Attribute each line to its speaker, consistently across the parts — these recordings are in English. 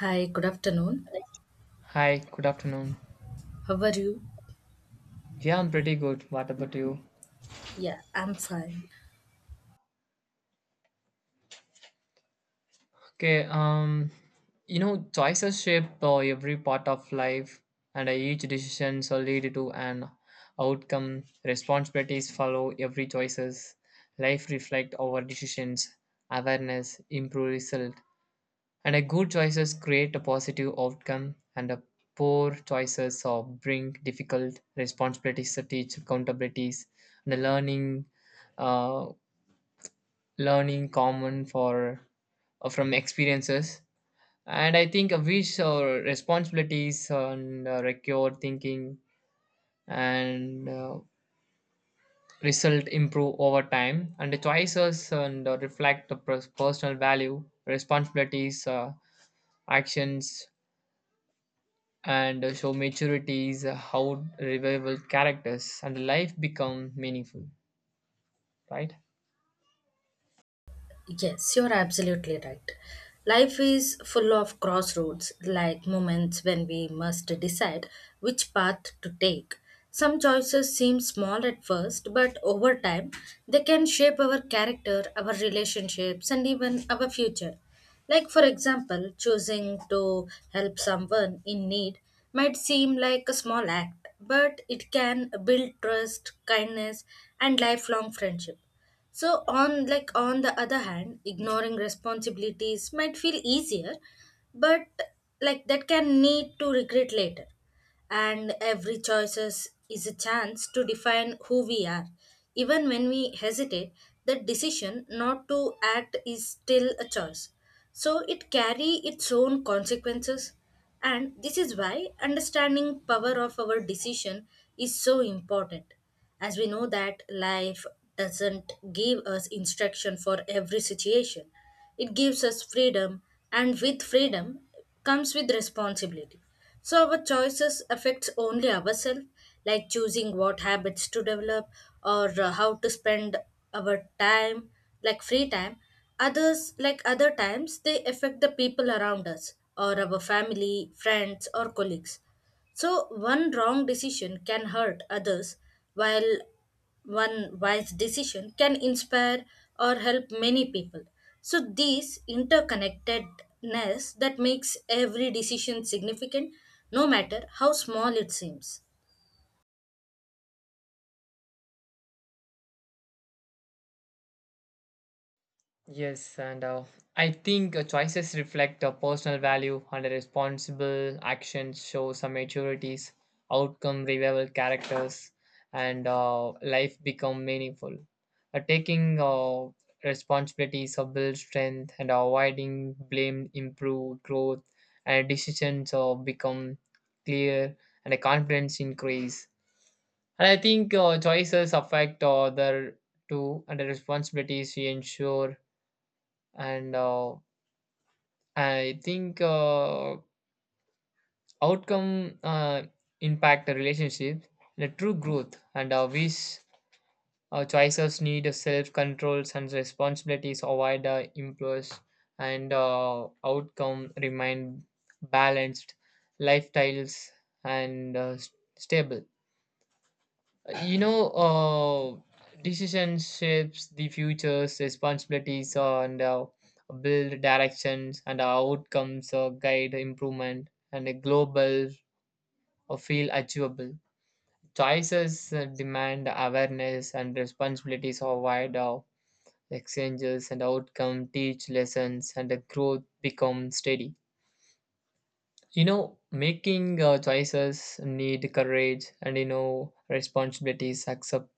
Speaker 1: Hi, good afternoon.
Speaker 2: Hi, good afternoon.
Speaker 1: How are you?
Speaker 2: Yeah, I'm pretty good. What about you?
Speaker 1: Yeah, I'm fine.
Speaker 2: Okay, you know, choices shape every part of life, and each decision shall lead to an outcome. Responsibilities follow every choices. Life reflect our decisions. Awareness improve result, and a good choices create a positive outcome, and a poor choices bring difficult responsibilities to teach accountabilities and a learning. uh, Learning common for from experiences, and I think wish or responsibilities and recure thinking, and result improve over time, and the choices and reflect the personal value responsibilities, actions, and show maturities, how revival characters and life become meaningful, right?
Speaker 1: Yes, you're absolutely right. Life is full of crossroads, like moments when we must decide which path to take. Some choices seem small at first, but over time, they can shape our character, our relationships, and even our future. Like, for example, choosing to help someone in need might seem like a small act, but it can build trust, kindness, and lifelong friendship. On the other hand, ignoring responsibilities might feel easier, but like that can lead to regret later, and every choices is a chance to define who we are. Even when we hesitate, the decision not to act is still a choice. So it carry its own consequences, and this is why understanding power of our decision is so important, as we know that life doesn't give us instruction for every situation. It gives us freedom, and with freedom comes with responsibility. So our choices affects only ourselves, like choosing what habits to develop or how to spend our time, like free time. Others, like other times, they affect the people around us or our family, friends, or colleagues. So, one wrong decision can hurt others, while one wise decision can inspire or help many people. So, this interconnectedness that makes every decision significant, no matter how small it seems.
Speaker 2: Yes, and I think choices reflect a personal value, and a responsible action shows some maturities, outcome revival characters, and life become meaningful. Taking responsibilities build strength, and avoiding blame improve growth, and decisions become clear, and the confidence increase. And I think choices affect other too, and the responsibilities we ensure, and I think outcome impact the relationship, the true growth, and wish, choices need self controls, and responsibilities avoid the impulse, and outcome remain balanced lifestyles, and stable. You know, decision shapes the future's responsibilities, and build directions, and outcomes guide improvement, and a global feel achievable. Choices demand awareness, and responsibilities are wide out exchanges, and outcome teach lessons, and the growth become steady. You know, making choices need courage, and you know responsibilities accept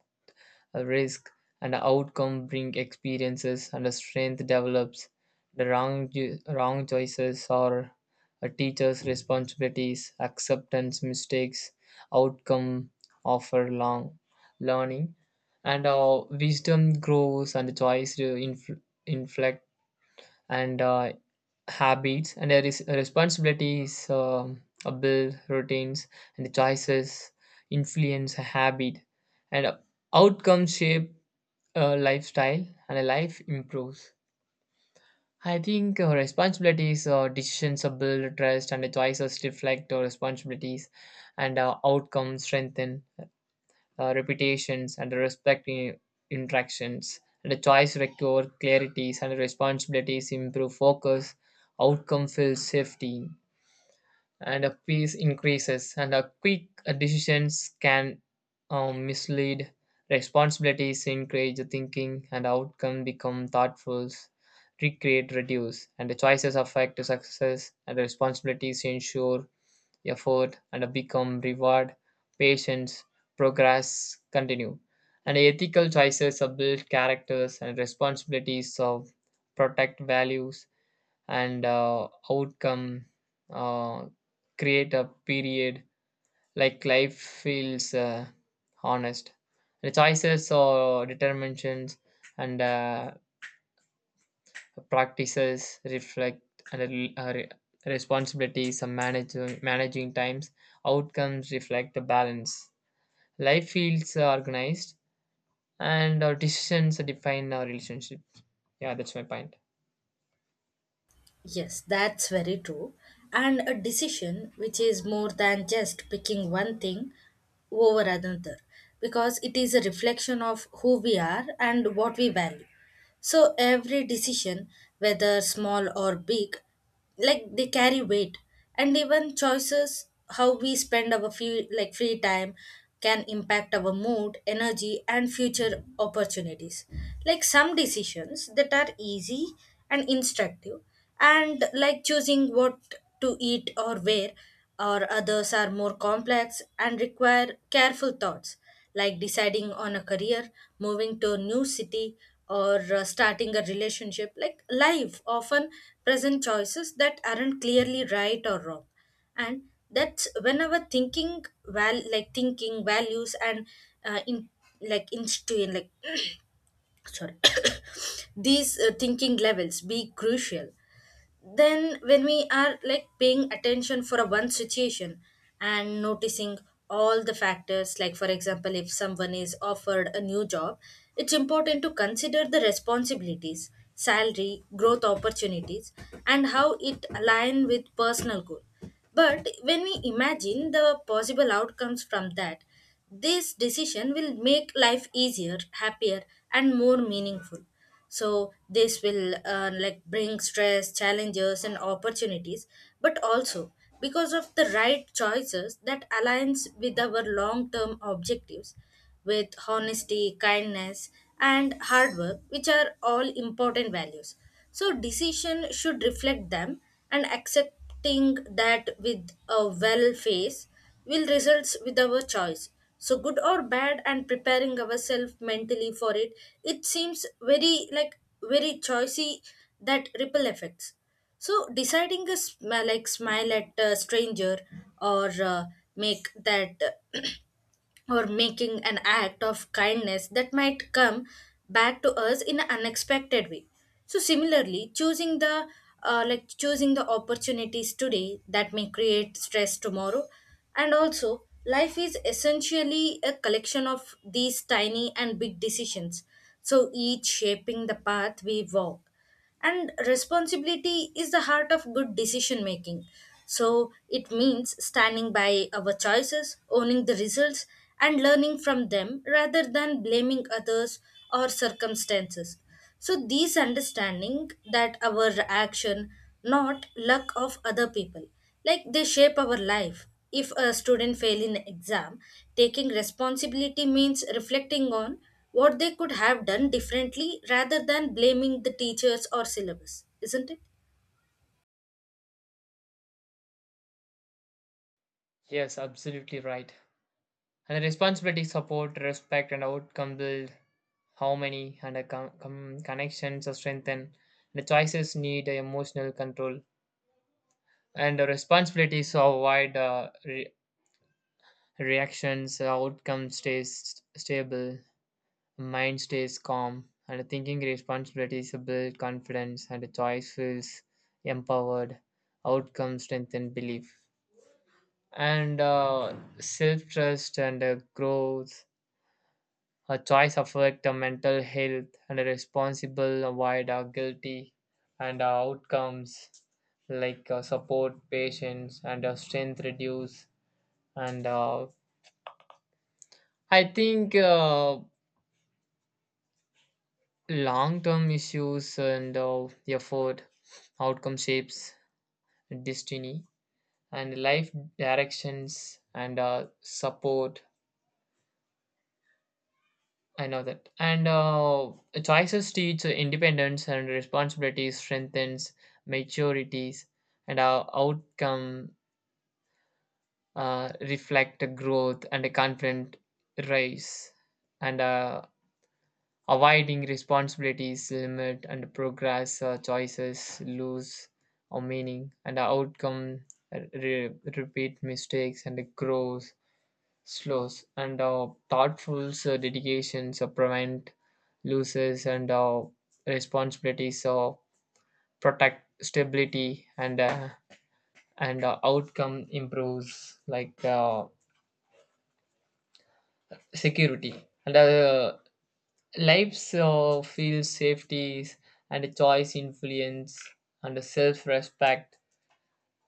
Speaker 2: a risk, and outcome bring experiences, and a strength develops. The wrong choices are a teacher's responsibilities acceptance mistakes. Outcome offer long learning, and wisdom grows, and choice to inflect, and habits and a responsibilities a build routines, and the choices influence a habit, and outcomes shape a lifestyle, and a life improves. I think responsibilities or decisions are build trust, and the choices reflect our responsibilities, and outcomes strengthen repetitions and respecting interactions. And the choice recur clarities, and responsibilities improve focus, outcome feels safety, and a peace increases. And a quick decisions can mislead. Responsibilities encourage thinking, and outcome become thoughtful. Recreate, reduce, and the choices affect success, and the responsibilities ensure effort and become reward, patience, progress continue. And ethical choices of build characters, and responsibilities of protect values, and outcome uh, create a period, like life feels honest, the choices or determinations, and practices reflect, and responsibilities and managing times, outcomes reflect the balance, life feels organized, and our decisions define our relationship. Yeah, that's my point.
Speaker 1: Yes, that's very true. And a decision which is more than just picking one thing over another, because it is a reflection of who we are and what we value. So every decision, whether small or big, like they carry weight, and even choices how we spend our free time can impact our mood, energy, and future opportunities. Like some decisions that are easy and instructive, and like choosing what to eat or wear, or others are more complex and require careful thoughts, like deciding on a career, moving to a new city, or starting a relationship. Like life often present choices that aren't clearly right or wrong, and that's whenever thinking values and in like institution like sorry these thinking levels be crucial then, when we are like paying attention for a one situation and noticing all the factors, like for example, if someone is offered a new job, it's important to consider the responsibilities, salary, growth opportunities, and how it align with personal goal. But when we imagine the possible outcomes from that, this decision will make life easier, happier, and more meaningful. So this will like bring stress, challenges, and opportunities, but also because of the right choices that aligns with our long term objectives, with honesty, kindness, and hard work, which are all important values. So decision should reflect them, and accepting that with a well face will results with our choice. So good or bad, and preparing ourselves mentally for it, it seems very like very choicy, that ripple effects. So deciding a smile at a stranger or make that, or making an act of kindness that might come back to us in an unexpected way. So similarly choosing the choosing the opportunities today that may create stress tomorrow. And also life is essentially a collection of these tiny and big decisions, so each shaping the path we walk. And responsibility is the heart of good decision making. So it means standing by our choices, owning the results, and learning from them rather than blaming others or circumstances. So these understanding that our action, not luck of other people, like they shape our life. If a student fail in exam, taking responsibility means reflecting on what they could have done differently rather than blaming the teachers or syllabus, isn't it?
Speaker 2: Yes, absolutely right, and the responsibility support respect, and outcome build how many, and a connections are strengthened. The choices need emotional control, and the responsibilities to avoid reactions, outcome stays stable, mind stays calm, and thinking responsibilities build confidence, and the choice feels empowered. Outcome strengthen belief, and self-trust, and growth. A choice affect the mental health, and a responsible avoid our guilty, and our outcomes, like support patients, and strength reduce, and I think long term issues, and effort, outcome shapes, destiny, and life directions, and support. I know that. And choices teach independence and responsibilities, strengthens maturities, and our outcome reflect growth, and a confident rise, and avoiding responsibilities limit and progress, choices lose or meaning, and our outcome repeat mistakes, and grows slows, and thoughtful dedications prevent losses, and responsibilities protect stability, and outcome improves, like security, and lives feel safety, and choice, influence, and self respect.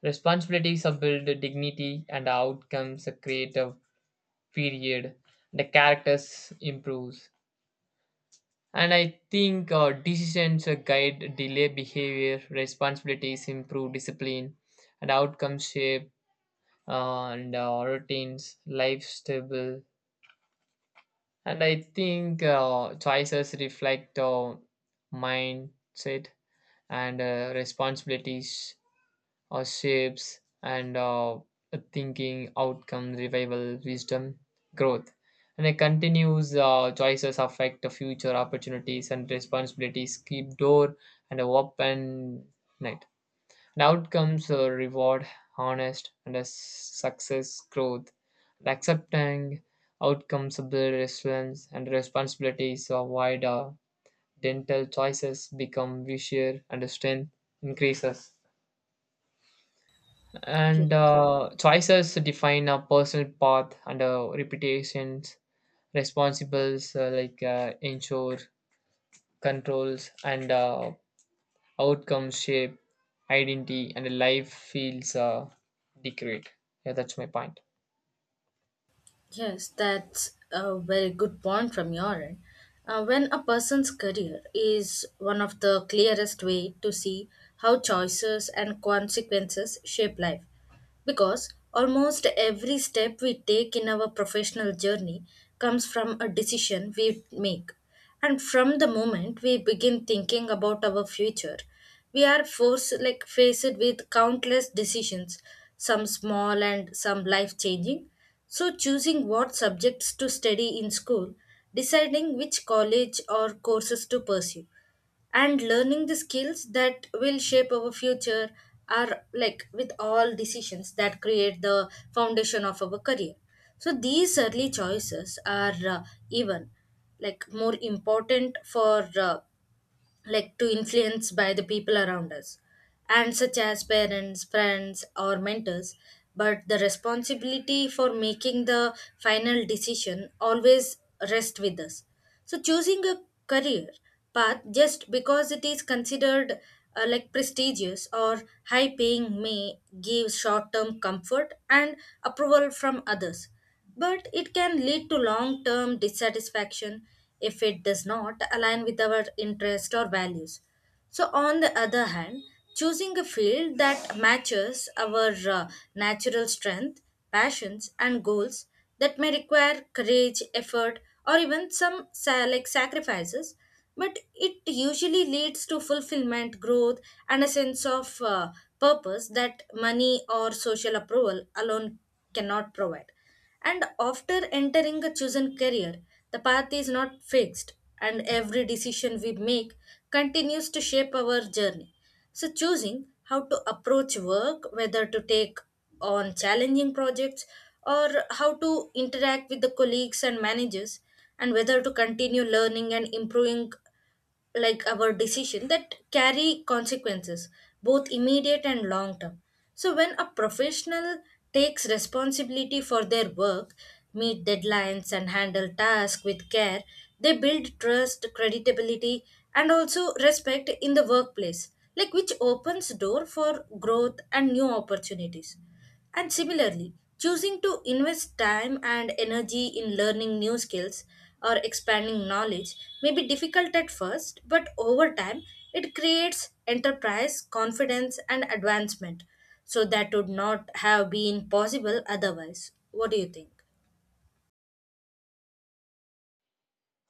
Speaker 2: Responsibilities are built dignity, and outcomes are creative period. The characters improves. And I think decisions guide delay behavior, responsibilities improve discipline, and outcomes shape and routines, life stable. And I think choices reflect mindset, and responsibilities or shapes, and thinking outcome revival wisdom growth, and it continues, choices affect the future opportunities, and responsibilities keep door and open night, and outcomes reward honest, and a success growth, and accepting outcomes of the resilience and responsibilities avoid, wider dental choices become vicious, and strength increases. And
Speaker 1: Yes,
Speaker 2: choices define a personal path and reputations, responsibles ensure controls, and outcomes shape identity, and life feels decreed. Yeah, that's my point.
Speaker 1: yes, that's a very good point from your end. When a person's career is one of the clearest way to see how choices and consequences shape life, because almost every step we take in our professional journey comes from a decision we make. And from the moment we begin thinking about our future, we are forced like faced with countless decisions, some small and some life changing. So choosing what subjects to study in school, deciding which college or courses to pursue, and learning the skills that will shape our future are like with all decisions that create the foundation of our career. So these early choices are even like more important for like to influence by the people around us, and such as parents, friends, or mentors. But the responsibility for making the final decision always rests with us. So choosing a career path just because it is considered like prestigious or high paying may give short term comfort and approval from others, but it can lead to long term dissatisfaction if it does not align with our interests or values. So, on the other hand, choosing a field that matches our natural strength, passions, and goals, that may require courage, effort, or even some sacrifices, but it usually leads to fulfillment, growth, and a sense of purpose that money or social approval alone cannot provide. And after entering a chosen career, the path is not fixed, and every decision we make continues to shape our journey. So, choosing how to approach work, whether to take on challenging projects or how to interact with the colleagues and managers, and whether to continue learning and improving, like our decision that carry consequences both immediate and long term. So when a professional takes responsibility for their work, meet deadlines, and handle tasks with care, they build trust, credibility, and also respect in the workplace, like which opens door for growth and new opportunities. And similarly, choosing to invest time and energy in learning new skills or expanding knowledge may be difficult at first, but over time, it creates enterprise, confidence, and advancement. So, that would not have been possible otherwise. What do you think?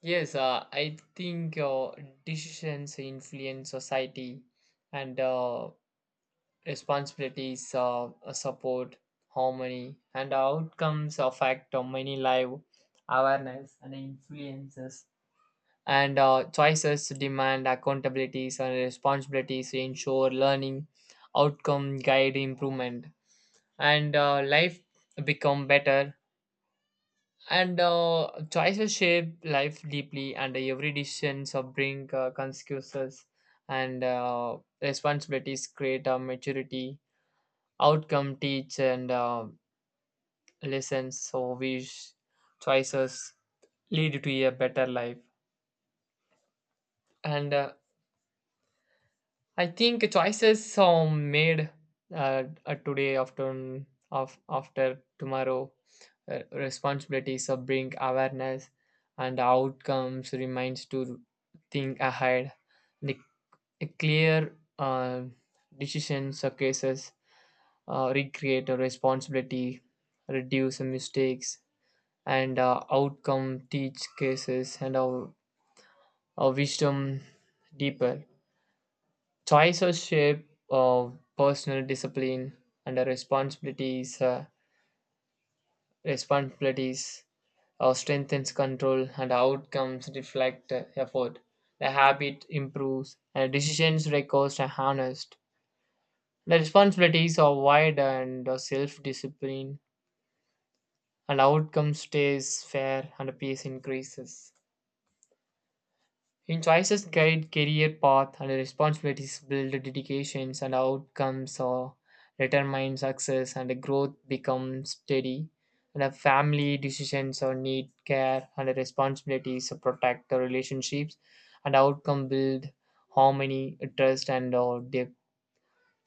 Speaker 2: Yes, I think decisions influence society, and responsibilities, support, harmony, and outcomes affect many live, awareness and influences. And choices demand accountabilities and responsibilities to ensure learning, outcome, guide improvement, and life become better. And choices shape life deeply, and every decision so bring consequences, and responsibilities create a maturity, outcome teach and lessons, so wish choices lead to a better life, and I think choices are made today after of after tomorrow, responsibilities of bring awareness, and outcomes reminds to think ahead. The clear decisions or cases recreate a responsibility, reduce mistakes, and outcome teach cases, and our wisdom deeper. Choices shape personal discipline and the responsibilities. Responsibilities strengthens control, and outcomes reflect effort. The habit improves, and decisions records are harnessed. The responsibilities are wide and self discipline, and outcome stays fair, and peace increases. In choices guide career path, and responsibilities build dedications, and outcomes are determine success, and growth becomes steady. And a family decisions or need care, and responsibilities protect the relationships, and outcome build harmony, trust, and depth.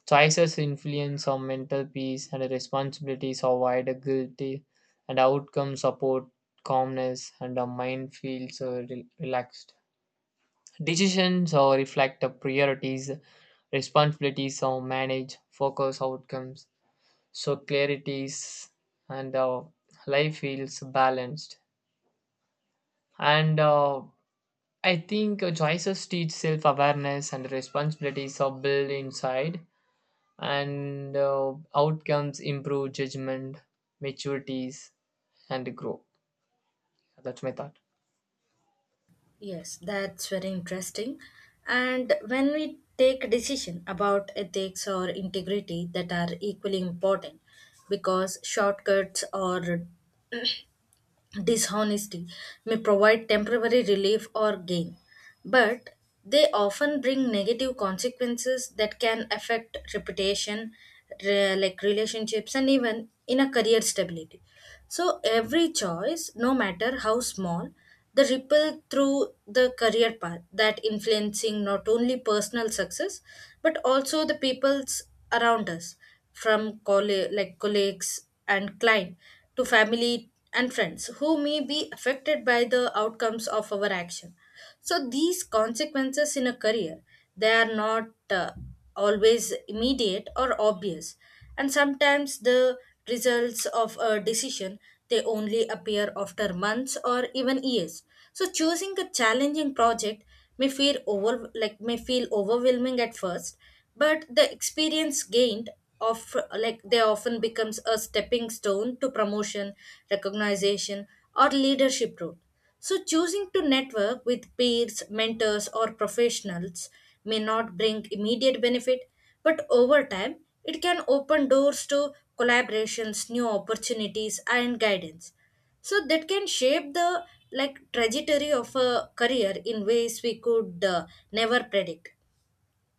Speaker 2: Choices influence on mental peace, and responsibilities avoid the guilty, and outcome support calmness, and the mind feels relaxed. Decisions reflect the priorities, responsibilities, or manage focus outcomes. So clarities, and life feels balanced. And I think choices teach self awareness, and responsibilities are built inside, and outcomes improve judgment, maturities, and grow. That's my thought.
Speaker 1: Yes, that's very interesting. And when we take decision about ethics or integrity, that are equally important, because shortcuts or dishonesty may provide temporary relief or gain, but they often bring negative consequences that can affect reputation, relationships, and even in a career stability. So every choice, no matter how small, the ripple through the career path that influencing not only personal success but also the people's around us, from colleagues and client to family and friends who may be affected by the outcomes of our action. So these consequences in a career, they are not always immediate or obvious, and sometimes the results of a decision, they only appear after months or even years. So choosing a challenging project may feel over like may feel overwhelming at first, but the experience gained of like they often becomes a stepping stone to promotion, recognition, or leadership role. So choosing to network with peers, mentors, or professionals may not bring immediate benefit, but over time, it can open doors to collaborations, new opportunities, and guidance. So that can shape the like trajectory of a career in ways we could never predict.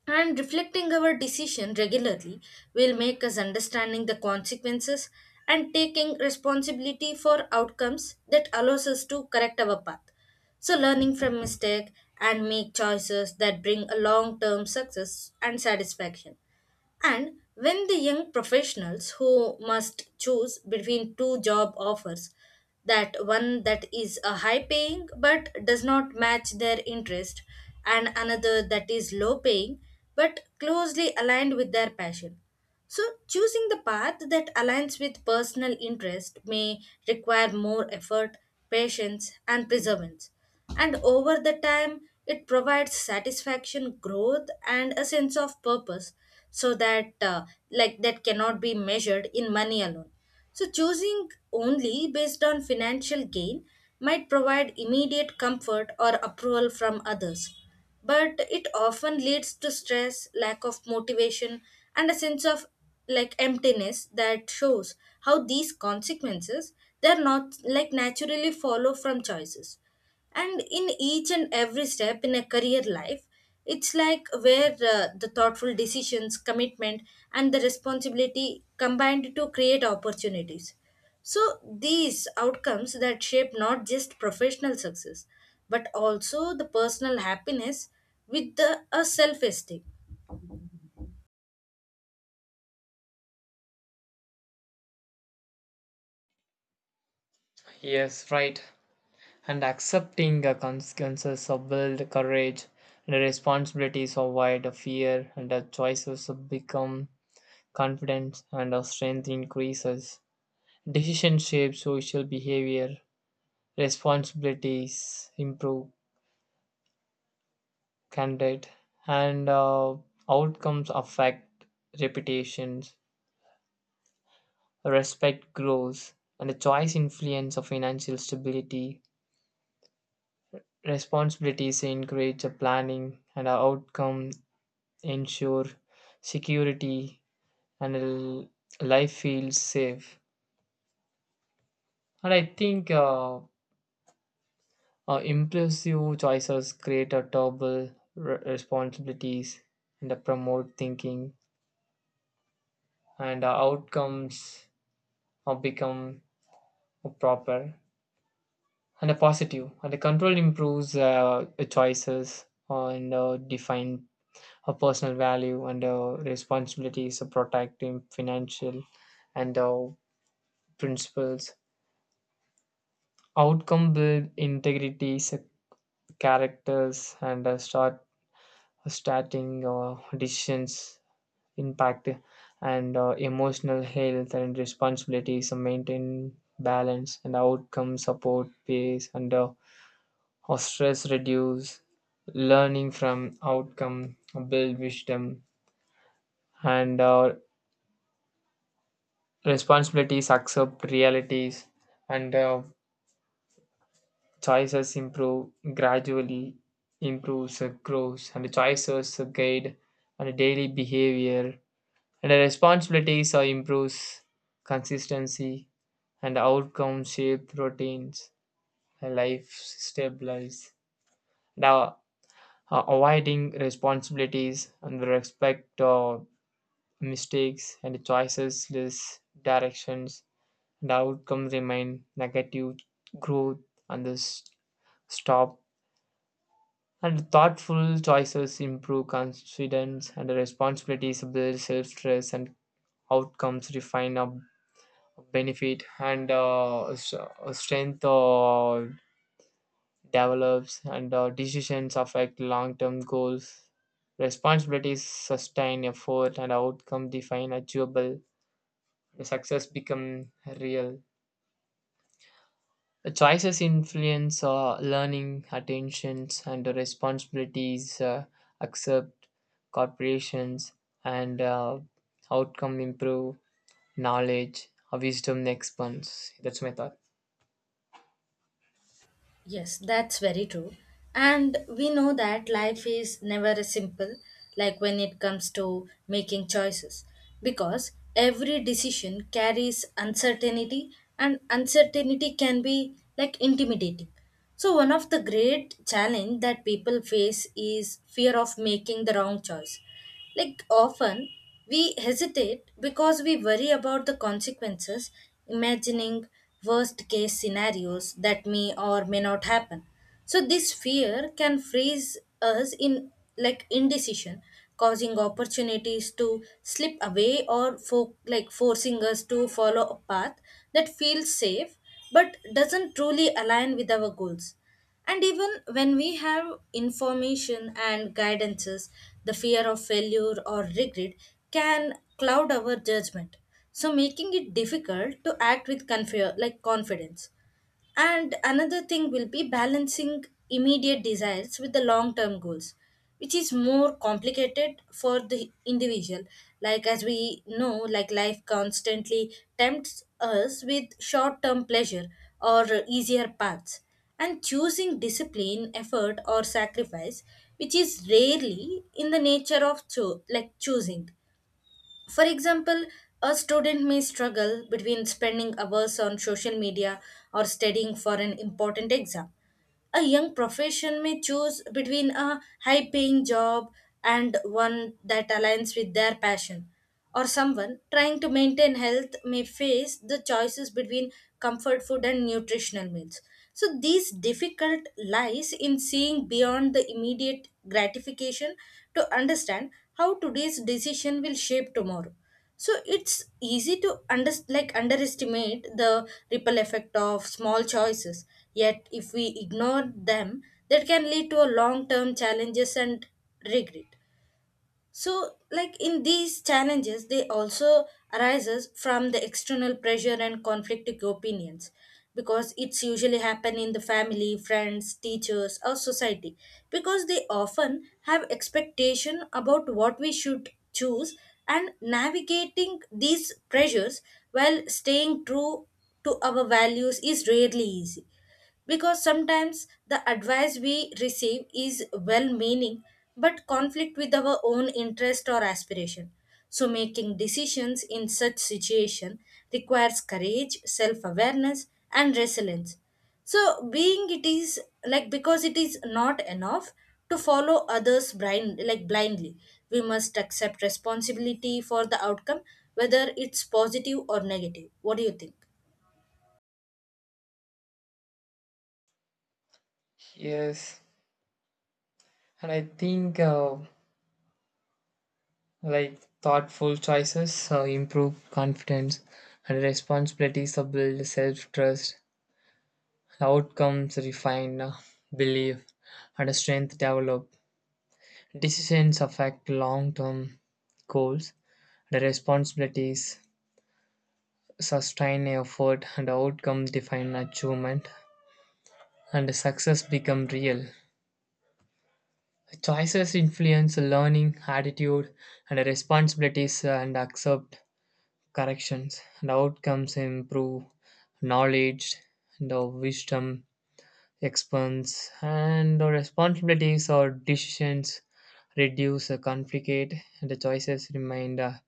Speaker 1: And reflecting our decision regularly will make us understanding the consequences, and taking responsibility for outcomes that allows us to correct our path. So learning from mistake and make choices that bring a long-term success and satisfaction. And when the young professionals who must choose between two job offers, that one that is a high paying but does not match their interest, and another that is low paying but closely aligned with their passion, so, choosing the path that aligns with personal interest may require more effort, patience, and perseverance. And over the time, it provides satisfaction, growth, and a sense of purpose, so that like that cannot be measured in money alone. So, choosing only based on financial gain might provide immediate comfort or approval from others, but it often leads to stress, lack of motivation, and a sense of like emptiness that shows how these consequences, they're not like naturally follow from choices. And in each and every step in a career life, it's like where the thoughtful decisions, commitment, and the responsibility combined to create opportunities. So these outcomes that shape not just professional success but also the personal happiness with the, a self esteem.
Speaker 2: Yes, right, and accepting the consequences of build courage, and the responsibilities avoid fear, and the choices become confidence, and our strength increases. Decision shapes social behavior, responsibilities improve conduct, and outcomes affect reputations, respect grows, and the choice influence of financial stability, responsibilities encourage the planning, and our outcome ensure security, and life feels safe. And I think impulsive choices create a double responsibilities and promote thinking, and outcomes become proper and a positive. And the control improves, choices and define a personal value, and responsibilities, to protect protecting financial, and principles. Outcome build integrity, characters, and starting decisions impact, and emotional health, and responsibilities and maintain balance, and outcome support pace, and or stress reduce. Learning from outcome build wisdom, and responsibilities accept realities, and choices improve gradually, improves grows. And choices guide and daily behavior, and the responsibilities are improves consistency, and outcome shape routines, and life stabilize now. Avoiding responsibilities and respect of mistakes, and choices less directions, and outcomes remain negative, growth, and this stop. And thoughtful choices improve confidence, and responsibilities build self trust, and outcomes refine our benefit, and strength develops, and decisions affect long term goals. Responsibilities sustain effort, and outcome define achievable. Success become real. The choices influence our learning, attentions, and the responsibilities, accept corporations, and outcome improve knowledge, our wisdom expands. That's my thought.
Speaker 1: Yes, that's very true. And we know that life is never as simple, like when it comes to making choices, because every decision carries uncertainty, and uncertainty can be like intimidating. So one of the great challenge that people face is fear of making the wrong choice. Like often, we hesitate because we worry about the consequences, imagining worst case scenarios that may or may not happen. So this fear can freeze us in like indecision, causing opportunities to slip away or forcing us to follow a path that feels safe but doesn't truly align with our goals. And even when we have information and guidances, the fear of failure or regret can cloud our judgment. So making it difficult to act with confidence. And another thing will be balancing immediate desires with the long term goals, which is more complicated for the individual. Like, as we know, like life constantly tempts us with short term pleasure or easier paths. And choosing discipline, effort, or sacrifice, which is rarely in the nature of choosing, for example, a student may struggle between spending hours on social media or studying for an important exam. A young profession may choose between a high paying job and one that aligns with their passion. Or someone trying to maintain health may face the choices between comfort food and nutritional meals. So, these difficult lies in seeing beyond the immediate gratification to understand how today's decision will shape tomorrow. So it's easy to underestimate the ripple effect of small choices, yet if we ignore them, that can lead to a long term challenges and regret. So, like in these challenges, they also arises from the external pressure and conflicting opinions, because it's usually happen in the family, friends, teachers, or society, because they often have expectation about what we should choose, and navigating these pressures while staying true to our values is rarely easy, because sometimes the advice we receive is well meaning but conflict with our own interest or aspiration. So making decisions in such situation requires courage, self awareness, and resilience. So being it is like because it is not enough to follow others blindly. We must accept responsibility for the outcome, whether it's positive or negative. What do you think?
Speaker 2: Yes, and I think like thoughtful choices improve confidence, and responsibilities build self trust. Outcomes refine belief, and strength develop. Decisions affect long term goals, the responsibilities sustain effort, and the outcome define achievement, and the success become real. Choices influence learning, attitude, and responsibilities and accept corrections, and outcomes improve knowledge, and the wisdom expands, and the responsibilities or decisions reduce the conflict, and the choices remain uh,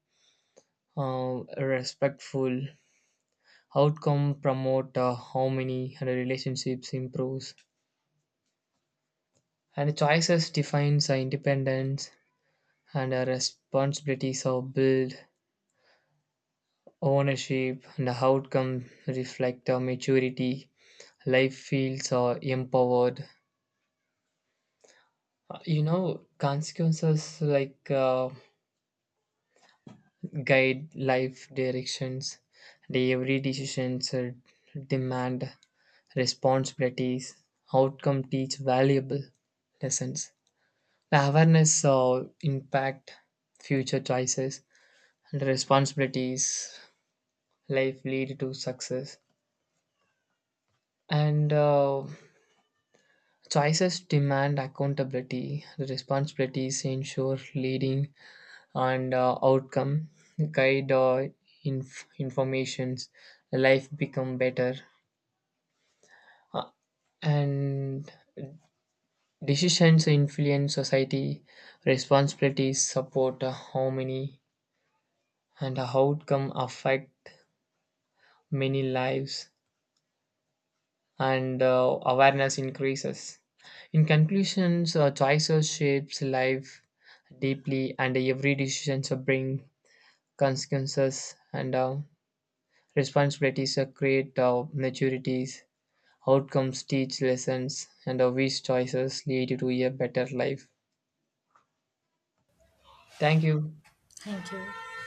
Speaker 2: uh, respectful. Outcome promote harmony, and relationships improves, and choices defines independence, and responsibilities are build ownership, and the outcome reflect maturity, life feels empowered. You know, consequences like guide life directions, the every decisions demand responsibilities, outcome teach valuable lessons. The awareness impact future choices and responsibilities. Life lead to success, and choices demand accountability. The responsibilities ensure leading, and outcome guide informations. Life become better, uh, and decisions influence society, responsibilities support how many, and how outcome affect many lives, and awareness increases. In conclusions, choices shapes life deeply, and every decision bring consequences, and responsibilities create maturities. Outcomes teach lessons, and these choices lead to a better life. Thank you.
Speaker 1: Thank you.